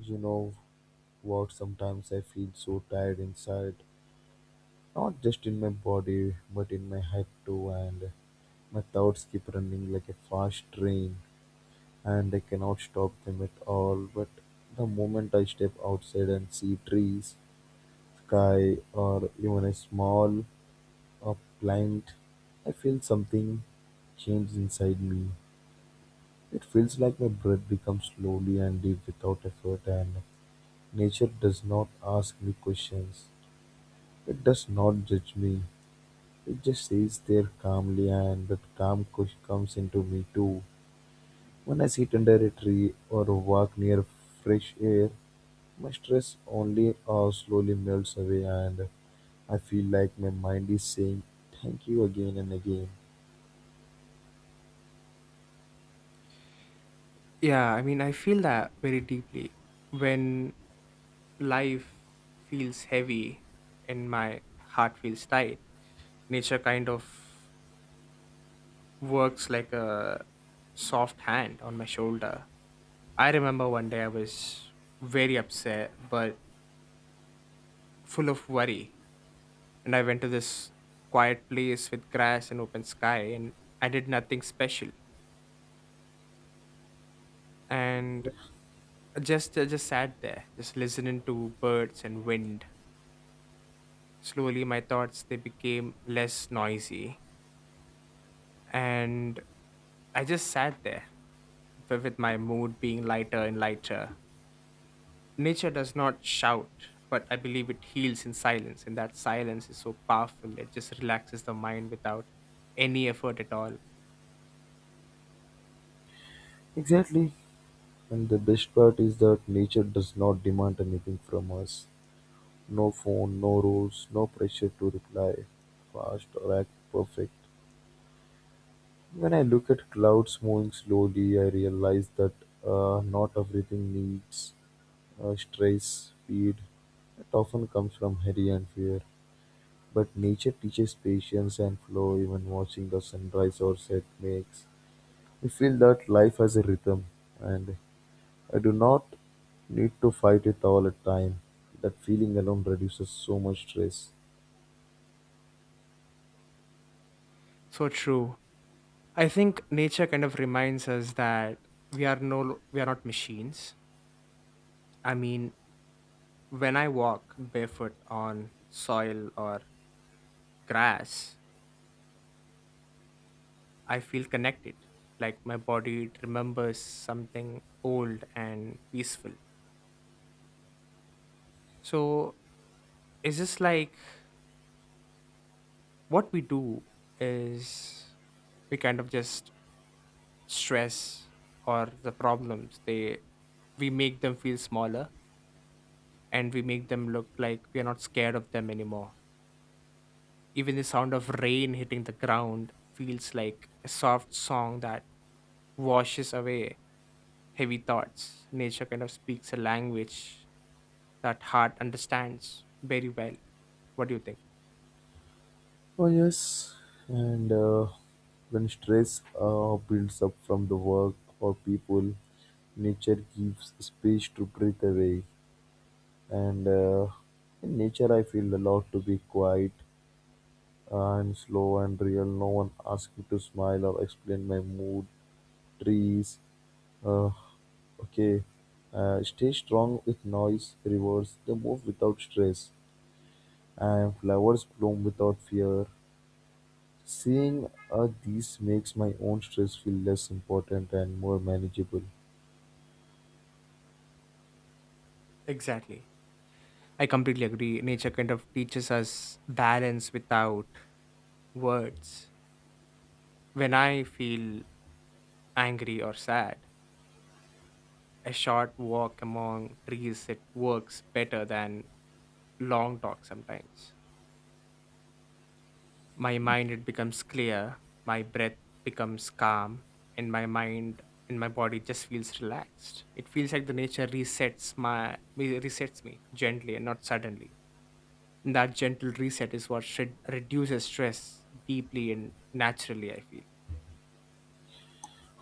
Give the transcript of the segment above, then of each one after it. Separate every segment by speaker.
Speaker 1: You know what? Sometimes I feel so tired inside, not just in my body, but in my head too, and my thoughts keep running like a fast train, and I cannot stop them at all. But the moment I step outside and see trees, sky, or even a plant, I feel something change inside me. It feels like my breath becomes slowly and deep without effort, and nature does not ask me questions. It does not judge me. It just sits there calmly, and that calm cush comes into me too. When I sit under a tree or walk near fresh air, my stress only slowly melts away, and I feel like my mind is saying thank you again and again.
Speaker 2: Yeah, I mean, I feel that very deeply. When life feels heavy and my heart feels tight, nature kind of works like a soft hand on my shoulder. I remember one day I was very upset but full of worry, and I went to this quiet place with grass and open sky, and I did nothing special. And I just sat there, just listening to birds and wind. Slowly, my thoughts they became less noisy, and I just sat there with my mood being lighter and lighter. Nature does not shout, but I believe it heals in silence, and that silence is so powerful. It just relaxes the mind without any effort at all.
Speaker 1: Exactly. And the best part is that nature does not demand anything from us. No phone, no rules, no pressure to reply fast or act perfect. When I look at clouds moving slowly, I realize that not everything needs stress, speed. It often comes from hurry and fear. But nature teaches patience and flow, even watching the sunrise or set makes me feel that life has a rhythm and I do not need to fight it all the time. That feeling alone reduces so much stress.
Speaker 2: So true. I think nature kind of reminds us that we are not machines. I mean, when I walk barefoot on soil or grass, I feel connected, like my body it remembers something old and peaceful. So it's just like what we do is we kind of just stress or the problems. They we make them feel smaller, and we make them look like we are not scared of them anymore. Even the sound of rain hitting the ground feels like a soft song that washes away heavy thoughts. Nature kind of speaks a language that heart understands very well. What do you think?
Speaker 1: Oh yes, and when stress builds up from the work or people, nature gives space to breathe away. And in nature, I feel allowed to be quiet and slow and real. No one asks me to smile or explain my mood. Trees, uh, okay, stay strong with noise. Rivers they move without stress, and flowers bloom without fear. Seeing a these makes my own stress feel less important and more manageable.
Speaker 2: Exactly. I completely agree. Nature kind of teaches us balance without words. When I feel angry or sad, a short walk among trees it works better than long talk sometimes. My mind it becomes clear, my breath becomes calm, and my mind and my body just feels relaxed. It feels like the nature resets me gently and not suddenly. That gentle reset is what should reduces stress deeply and naturally, I feel.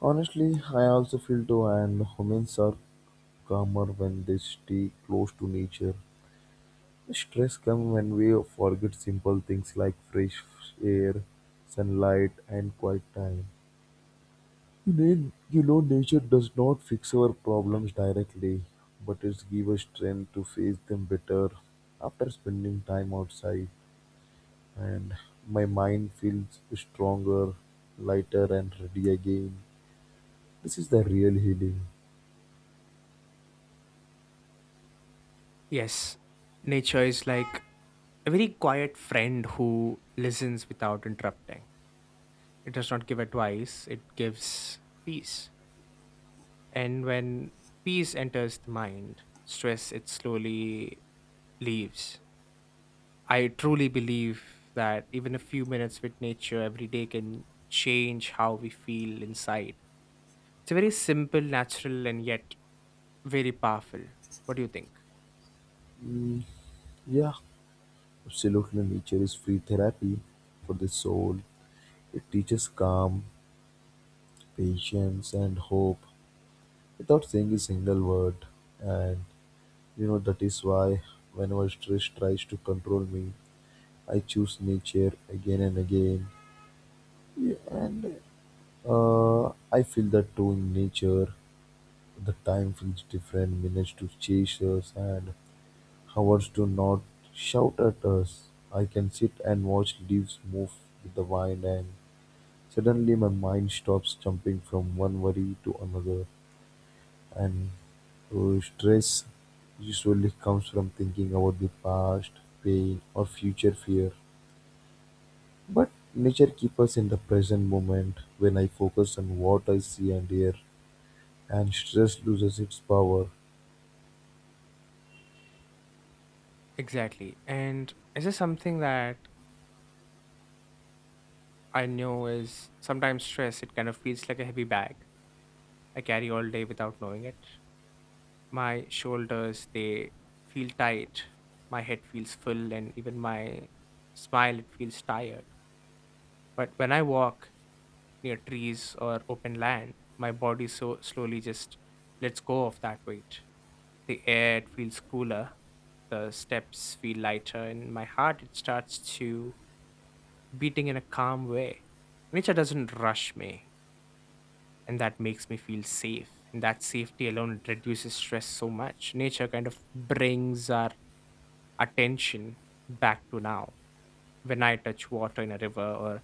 Speaker 1: Honestly, I also feel too, and humans are calmer when they stay close to nature. Stress comes when we forget simple things like fresh air, sunlight, and quiet time. You need, nature does not fix our problems directly, but it gives us strength to face them better after spending time outside. And my mind feels stronger, lighter, and ready again. This is the real healing.
Speaker 2: Yes, nature is like a very quiet friend who listens without interrupting. It does not give advice, it gives peace, and when peace enters the mind, stress it slowly leaves. I truly believe that even a few minutes with nature every day can change how we feel inside. It's a very simple, natural, and yet very powerful. What do you think?
Speaker 1: Yeah, absolutely. Nature is free therapy for the soul. It teaches calm, patience, and hope without saying a single word. And you know, that is why whenever stress tries to control me, I choose nature again and again. Yeah, and I feel that too in nature. The time feels different, minutes to chase us and hours do not shout at us. I can sit and watch leaves move with the wind and suddenly my mind stops jumping from one worry to another and stress usually comes from thinking about the past, pain or future fear. But nature keeps us in the present moment when I focus on what I see and hear and stress loses its power.
Speaker 2: Exactly. And is this something that I know is sometimes stress? It kind of feels like a heavy bag I carry all day without knowing it. My shoulders, they feel tight. My head feels full, and even my smile, it feels tired. But when I walk near trees or open land, my body so slowly just lets go of that weight. The air feels cooler, the steps feel lighter, and my heart it starts to beating in a calm way. Nature doesn't rush me, and that makes me feel safe. And that safety alone it reduces stress so much. Nature kind of brings our attention back to now. When I touch water in a river or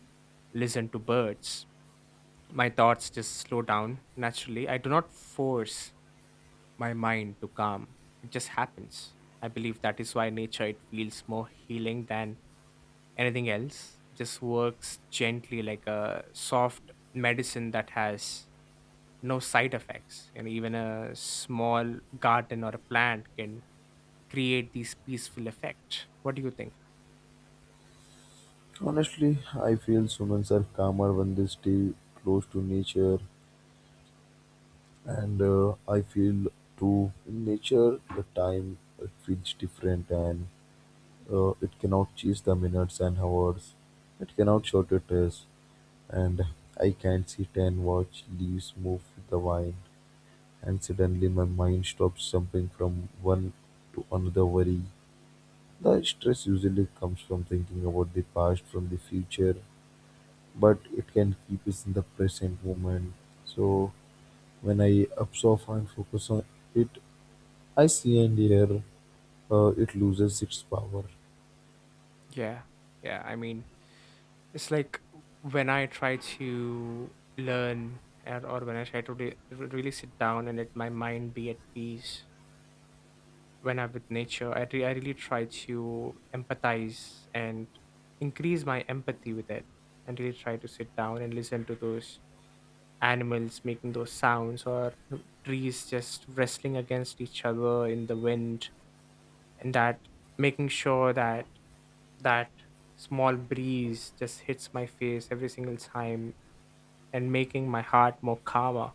Speaker 2: listen to birds, my thoughts just slow down naturally. I do not force my mind to calm. It just happens. I believe that is why nature it feels more healing than anything else. It just works gently like a soft medicine that has no side effects. And even a small garden or a plant can create these peaceful effect. What do you think?
Speaker 1: Honestly, I feel humans are calmer when they stay close to nature, and I feel too in nature the time it feels different and it cannot chase the minutes and hours, it cannot shortcut us, and I can sit and watch leaves move with the wind, and suddenly my mind stops jumping from one to another worry. The stress usually comes from thinking about the past, from the future, but it can keep us in the present moment. So when I observe and focus on it, I see and hear it loses its power.
Speaker 2: Yeah. Yeah. I mean, it's like when I try to learn or when I try to really sit down and let my mind be at peace. When I'm with nature, I really try to empathize and increase my empathy with it and really try to sit down and listen to those animals making those sounds or trees just wrestling against each other in the wind, and that making sure that small breeze just hits my face every single time and making my heart more calmer.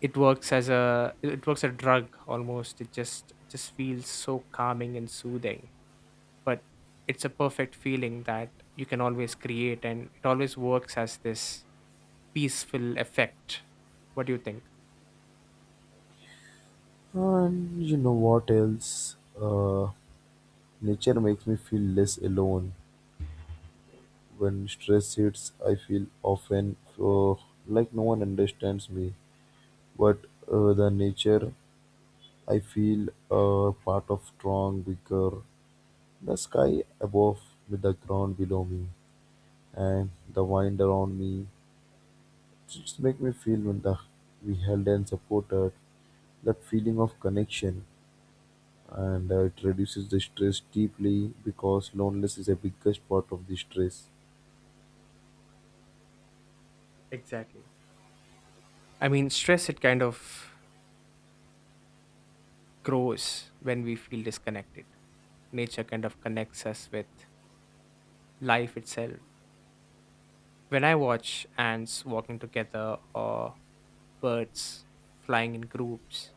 Speaker 2: It works as a it works a drug almost. It just feels so calming and soothing, but it's a perfect feeling that you can always create, and it always works as this peaceful effect. What do you think?
Speaker 1: And you know what else? Nature makes me feel less alone. When stress hits, I feel often like no one understands me. But the nature, I feel part of strong, bigger, the sky above with the ground below me. And the wind around me just make me feel when the, we held and supported that feeling of connection and it reduces the stress deeply because loneliness is a biggest part of the stress.
Speaker 2: Exactly. I mean, stress it kind of grows when we feel disconnected. Nature kind of connects us with life itself. When I watch ants walking together or birds flying in groups,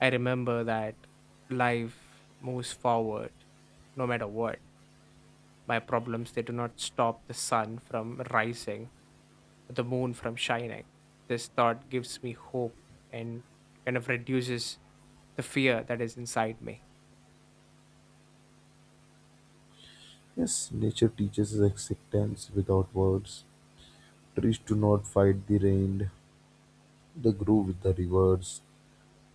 Speaker 2: I remember that life moves forward no matter what. My problems, they do not stop the sun from rising, or the moon from shining. This thought gives me hope and kind of reduces the fear that is inside me.
Speaker 1: Yes, nature teaches us acceptance without words. Trees do not fight the rain, they grow with the rivers.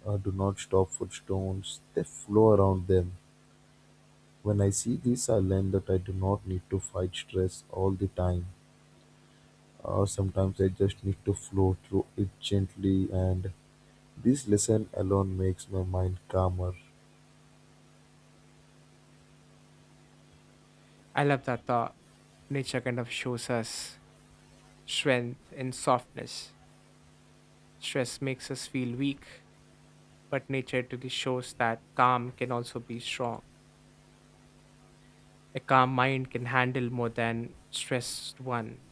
Speaker 1: Do not stop footstones, they flow around them. When I see this I learn that I do not need to fight stress all the time, or sometimes I just need to flow through it gently, and this lesson alone makes my mind calmer.
Speaker 2: I love that thought. Nature kind of shows us strength in softness. Stress makes us feel weak, but nature really shows that calm can also be strong. A calm mind can handle more than stressed one.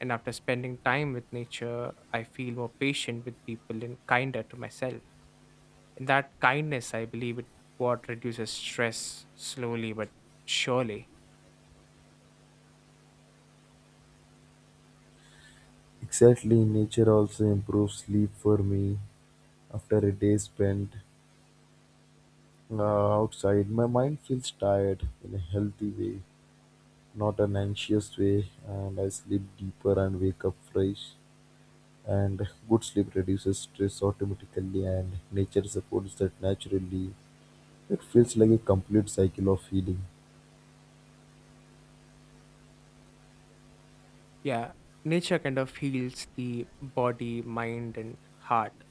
Speaker 2: And after spending time with nature, I feel more patient with people and kinder to myself. That kindness, I believe, it what reduces stress slowly but surely.
Speaker 1: Exactly, nature also improves sleep for me after a day spent outside. My mind feels tired in a healthy way, not an anxious way, and I sleep deeper and wake up fresh. And good sleep reduces stress automatically, and nature supports that naturally. It feels like a complete cycle of healing.
Speaker 2: Yeah, nature kind of heals the body, mind, and heart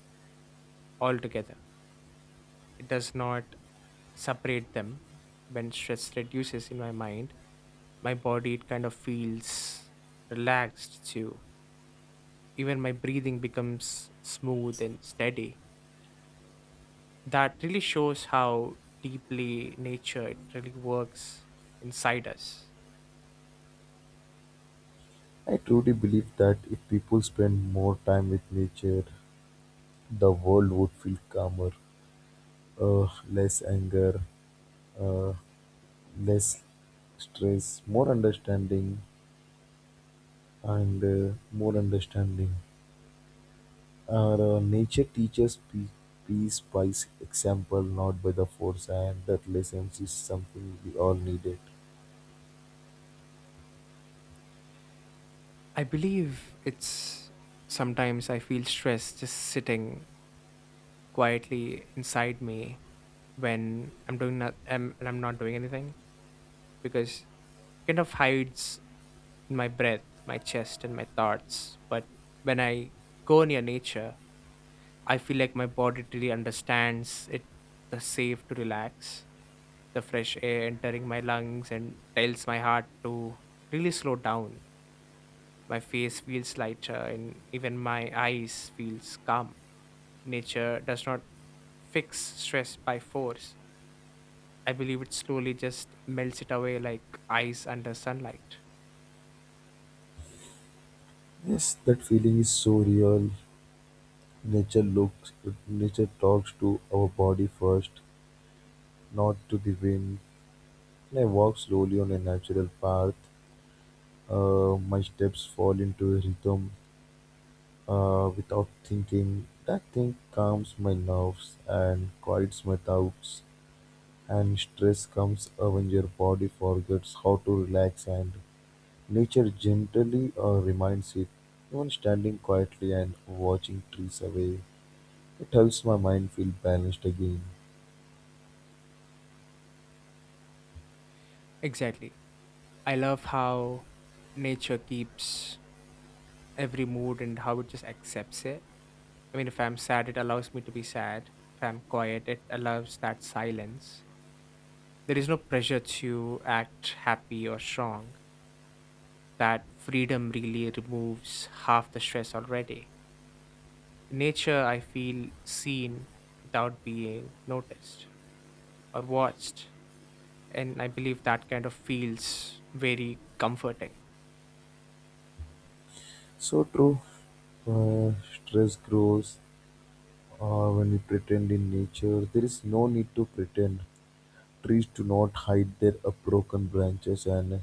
Speaker 2: altogether. It does not separate them. When stress reduces in my mind, my body it kind of feels relaxed too. Even my breathing becomes smooth and steady. That really shows how deeply nature it really works inside us.
Speaker 1: I truly believe that if people spend more time with nature, the world would feel calmer, uh, less anger, uh, less stress, more understanding, and more understanding. Our nature teaches peace by example, not by the force, and that lesson is something we all needed.
Speaker 2: I believe it's sometimes I feel stress just sitting quietly inside me when I'm doing not I'm and I'm not doing anything, because it kind of hides in my breath, my chest, and my thoughts. But when I go near nature, I feel like my body really understands it the safe to relax, the fresh air entering my lungs and tells my heart to really slow down. My face feels lighter and even my eyes feels calm. Nature does not fix stress by force. I believe it slowly just melts it away like ice under sunlight.
Speaker 1: Yes, that feeling is so real. Nature looks, Nature talks to our body first, not to the wind. I walk slowly on a natural path. My steps fall into a rhythm without thinking. That thing calms my nerves and quiets my doubts. And stress comes when your body forgets how to relax, and nature gently reminds it. Even standing quietly and watching trees away, it helps my mind feel balanced again.
Speaker 2: Exactly. I love how nature keeps every mood and how it just accepts it. I mean, if I'm sad, it allows me to be sad. If I'm quiet, it allows that silence. There is no pressure to act happy or strong. That freedom really removes half the stress already. In nature, I feel seen without being noticed or watched. And I believe that kind of feels very comforting.
Speaker 1: So true. Stress grows When we pretend in nature, there is no need to pretend. Trees do not hide their broken branches, and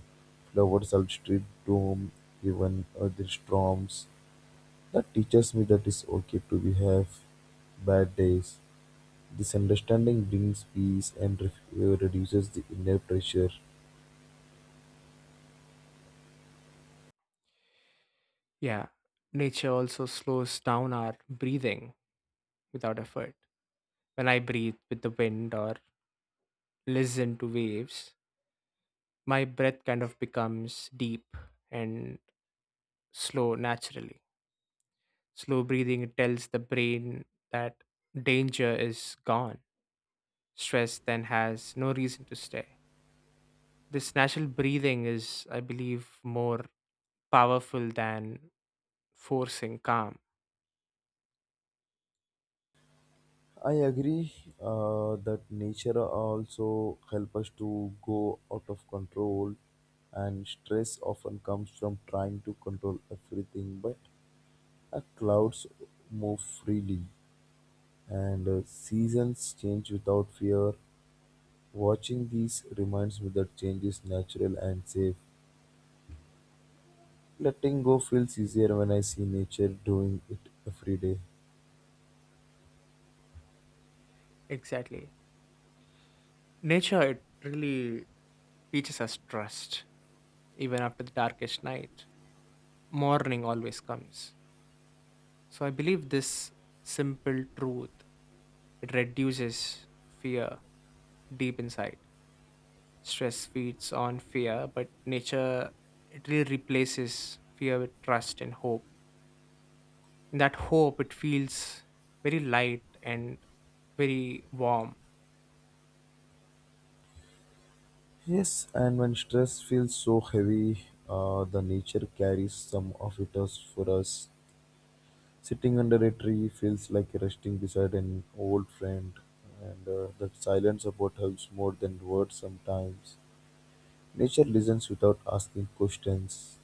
Speaker 1: flowers outstrip doom, even the storms. That teaches me that it's okay to be have bad days. This understanding brings peace and reduces the inner pressure.
Speaker 2: Yeah. Nature also slows down our breathing without effort. When I breathe with the wind or listen to waves, my breath kind of becomes deep and slow naturally. Slow breathing tells the brain that danger is gone. Stress then has no reason to stay. This natural breathing is, I believe, more powerful than forcing calm.
Speaker 1: I agree that nature also help us to go out of control, and stress often comes from trying to control everything. But clouds move freely, and seasons change without fear. Watching these reminds me that change is natural and safe. Letting go feels easier when I see nature doing it every day.
Speaker 2: Exactly. Nature, it really teaches us trust. Even after the darkest night, morning always comes. So I believe this simple truth, it reduces fear deep inside. Stress feeds on fear, but nature, it really replaces fear with trust and hope. In that hope it feels very light and very warm.
Speaker 1: Yes, and when stress feels so heavy, the nature carries some of it us for us. Sitting under a tree feels like resting beside an old friend, and that silent support helps more than words sometimes. Nature listens without asking questions.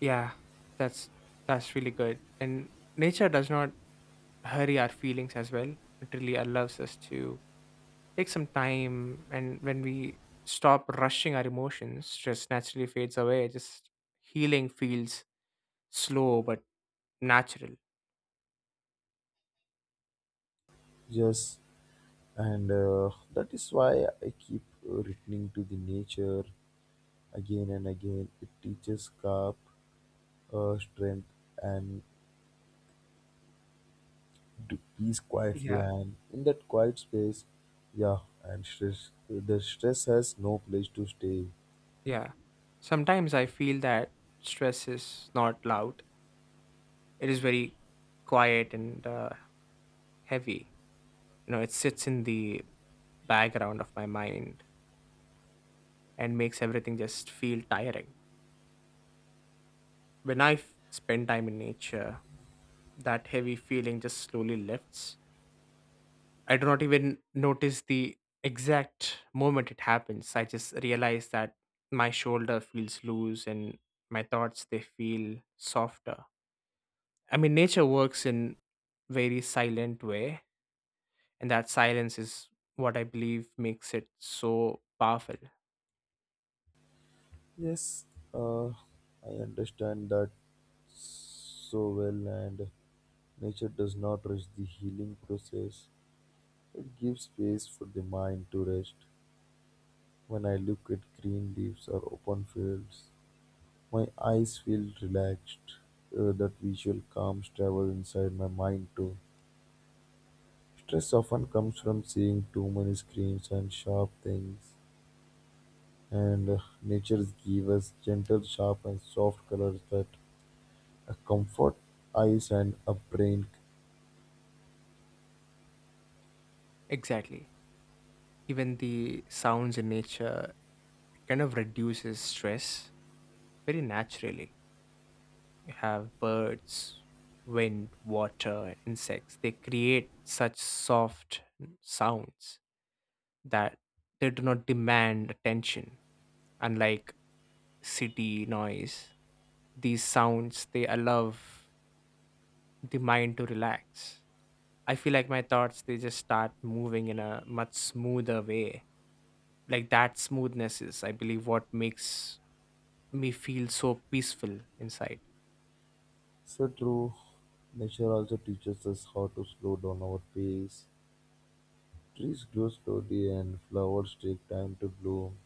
Speaker 2: Yeah, that's that's really good. And nature does not hurry our feelings as well. It really allows us to take some time, and when we stop rushing our emotions, stress naturally fades away. Just healing feels slow but natural.
Speaker 1: Yes, and that is why I keep returning to the nature again and again. It teaches calm, strength, and to peace quietly
Speaker 2: Yeah.
Speaker 1: and in that quiet space. Yeah, and stress the stress has no place to stay.
Speaker 2: Yeah, sometimes I feel that stress is not loud. It is very quiet and heavy. You know, it sits in the background of my mind and makes everything just feel tiring. When I spend time in nature, that heavy feeling just slowly lifts. I do not even notice the exact moment it happens. I just realize that my shoulder feels loose and my thoughts they feel softer. I mean, nature works in very silent way, and that silence is what I believe makes it so powerful.
Speaker 1: Yes, uh, I understand that so well, and nature does not rush the healing process. It gives space for the mind to rest. When I look at green leaves or open fields, my eyes feel relaxed. That visual calms travel inside my mind too. Stress often comes from seeing too many screens and sharp things, and nature gives us gentle, sharp, and soft colors that comfort eyes and a brain.
Speaker 2: Exactly. Even the sounds in nature kind of reduces stress very naturally. You have birds, wind, water, and insects. They create such soft sounds that they do not demand attention. Unlike city noise, these sounds they allow the mind to relax. I feel like my thoughts they just start moving in a much smoother way. Like that smoothness is, I believe, what makes me feel so peaceful inside.
Speaker 1: So true, nature also teaches us how to slow down our pace. Trees grow slowly, and flowers take time to bloom.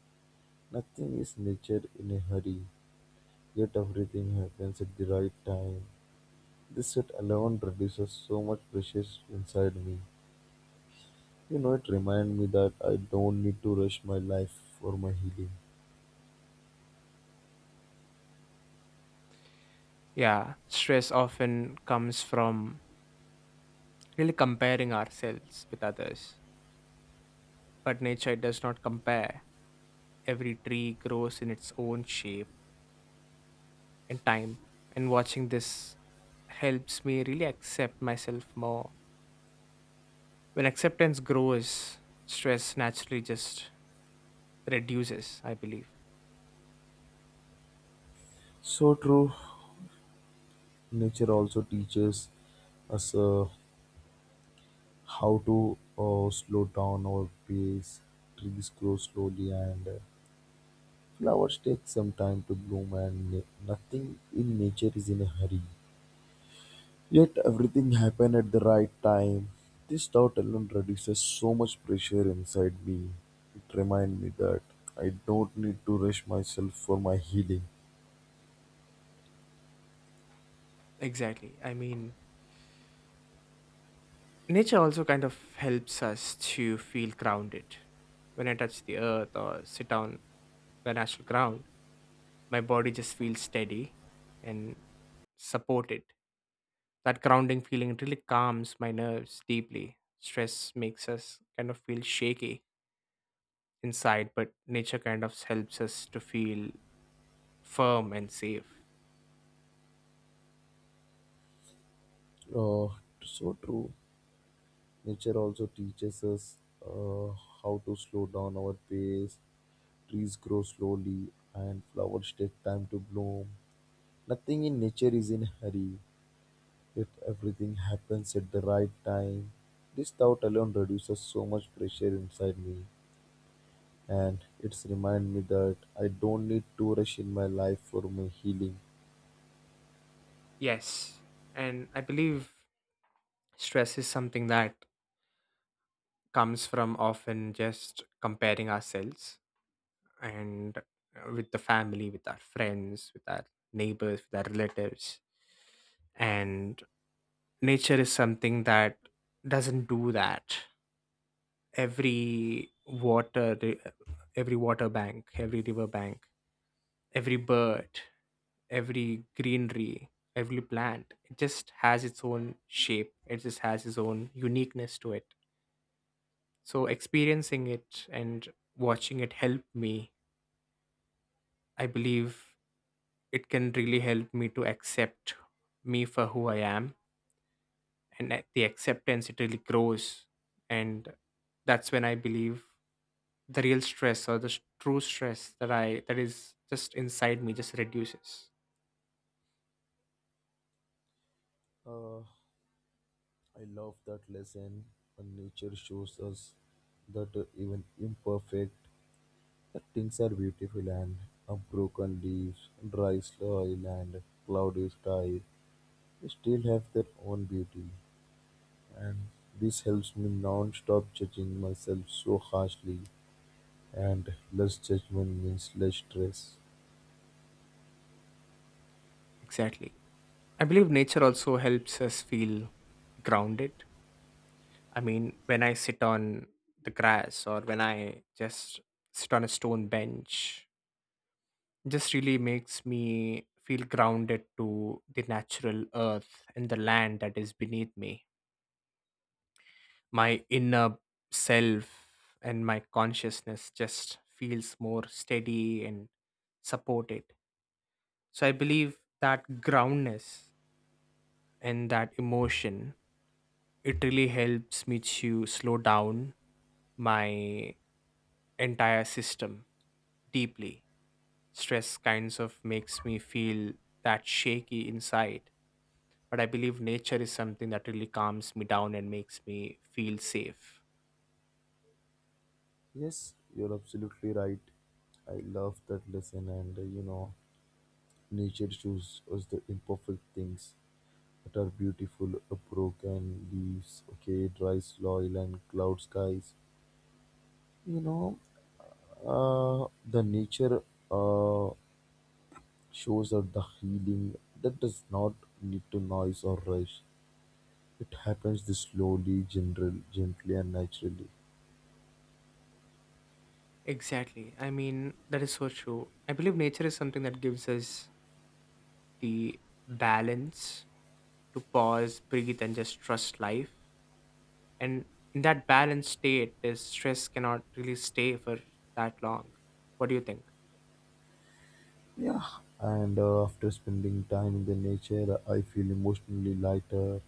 Speaker 1: Nothing is nature in a hurry, yet everything happens at the right time. This sit alone reduces so much pressure inside me. You know, it reminded me that I don't need to rush my life for my healing.
Speaker 2: Yeah, stress often comes from really comparing ourselves with others. But nature does not compare. Every tree grows in its own shape and time. And watching this helps me really accept myself more. When acceptance grows, stress naturally just reduces, I believe.
Speaker 1: So true. Nature also teaches us how to slow down our pace. Trees grow slowly and flowers take some time to bloom, and nothing in nature is in a hurry. Yet everything happened at the right time. This thought alone reduces so much pressure inside me. It reminds me that I don't need to rush myself for my healing.
Speaker 2: Exactly. I mean, nature also kind of helps us to feel grounded. When I touch the earth or sit down, when I should ground, my body just feels steady and supported. That grounding feeling really calms my nerves deeply. Stress makes us kind of feel shaky inside, but nature kind of helps us to feel firm and safe.
Speaker 1: Uh, so true. Nature also teaches us uh, how to slow down our pace. Trees grow slowly and flowers take time to bloom. Nothing in nature is in hurry. Yet everything happens at the right time. This thought alone reduces so much pressure inside me and it's remind me that I don't need to rush in my life for my healing.
Speaker 2: Yes, and I believe stress is something that comes from often just comparing ourselves and with the family, with our friends, with our neighbors, with our relatives. And nature is something that doesn't do that. Every every water bank, every river bank, every bird, every greenery, every plant, it just has its own shape, it just has its own uniqueness to it. So experiencing it and watching it help me, I believe, it can really help me to accept me for who I am. And that the acceptance it really grows, and that's when I believe the real stress or the true stress that is just inside me just reduces.
Speaker 1: Uh, I love that lesson. And nature shows us that even imperfect the things are beautiful, and broken leaves, dry soil and cloudy sky still have their own beauty and this helps me non-stop judging myself so harshly, and less judgment means less stress.
Speaker 2: Exactly, I believe nature also helps us feel grounded. I mean, when I sit on the grass or when I just sit on a stone bench, just really makes me feel grounded to the natural earth and the land that is beneath me. My inner self and my consciousness just feels more steady and supported. So I believe that groundness and that emotion it really helps me to slow down my entire system deeply. Stress kinds of makes me feel that shaky inside. But I believe nature is something that really calms me down and makes me feel safe.
Speaker 1: Yes, you're absolutely right. I love that lesson and you know nature shows us the imperfect things that are beautiful, broken leaves, okay, dry soil and cloud skies. You know, the nature uh, shows that the healing that does not need to noise or rush, it happens this slowly general gently and naturally.
Speaker 2: Exactly. I mean, that is so true. I believe nature is something that gives us the balance to pause, breathe, and just trust life. And in that balanced state, this stress cannot really stay for that long. What do you think?
Speaker 1: Yeah, and after spending time in the nature I feel emotionally lighter.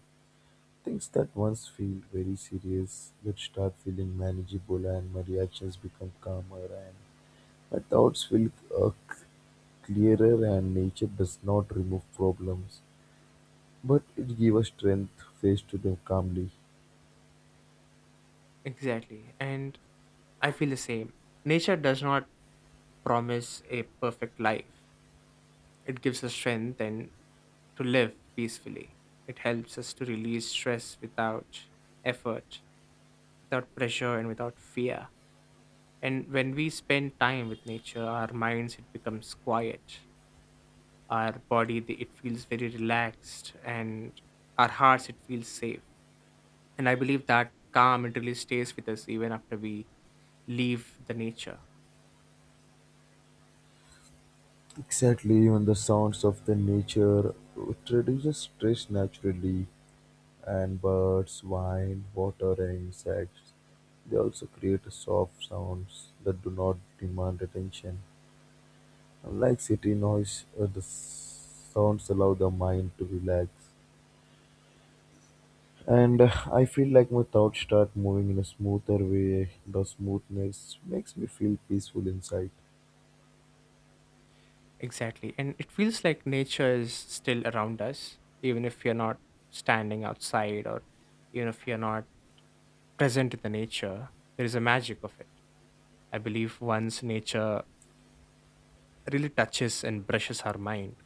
Speaker 1: Things that once feel very serious which start feeling manageable, and my reactions become calmer and my thoughts feel uh, c- clearer, and nature does not remove problems, but it gave a strength face to them calmly.
Speaker 2: Exactly. And I feel the same. Nature does not promise a perfect life, it gives us strength and to live peacefully. It helps us to release stress without effort, without pressure, and without fear. And when we spend time with nature, our minds it becomes quiet. Our body the- it feels very relaxed, and our hearts it feels safe. And I believe that calm it really stays with us even after we leave the nature.
Speaker 1: Exactly, even the sounds of the nature it reduces stress naturally, and birds, wine, water, and insects they also create soft sounds that do not demand attention. Unlike city noise, the sounds allow the mind to relax. And I feel like my thoughts start moving in a smoother way. The smoothness makes me feel peaceful inside.
Speaker 2: Exactly. And it feels like nature is still around us, even if you're not standing outside or even if you're not present in the nature, there is a magic of it. I believe once nature really touches and brushes our mind,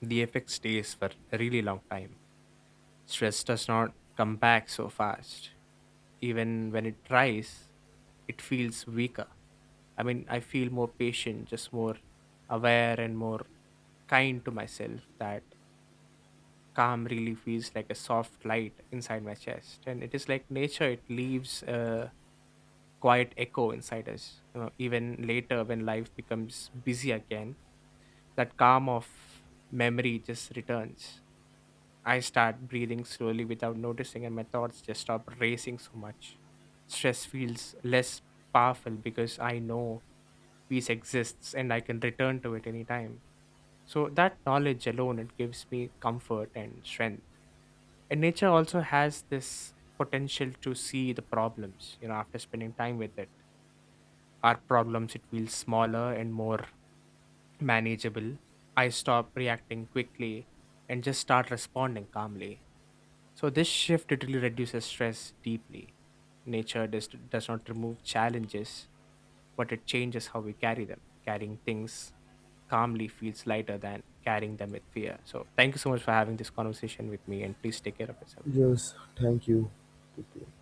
Speaker 2: the effect stays for a really long time. Stress does not come back so fast. Even when it tries, it feels weaker. I mean, I feel more patient, just more aware and more kind to myself. That calm really feels like a soft light inside my chest. And it is like nature, it leaves a quiet echo inside us. You know, even later when life becomes busy again, that calm of memory just returns. I start breathing slowly without noticing, and my thoughts just stop racing so much. Stress feels less powerful because I know peace exists and I can return to it anytime. So that knowledge alone it gives me comfort and strength. And nature also has this potential to see the problems, you know, after spending time with it. Our problems it feels smaller and more manageable. I stop reacting quickly and just start responding calmly. So this shift it really reduces stress deeply. Nature does not remove challenges, but it changes how we carry them. Carrying things calmly feels lighter than carrying them with fear. So, thank you so much for having this conversation with me, and please take care of yourself.
Speaker 1: Yes, thank you. Take care.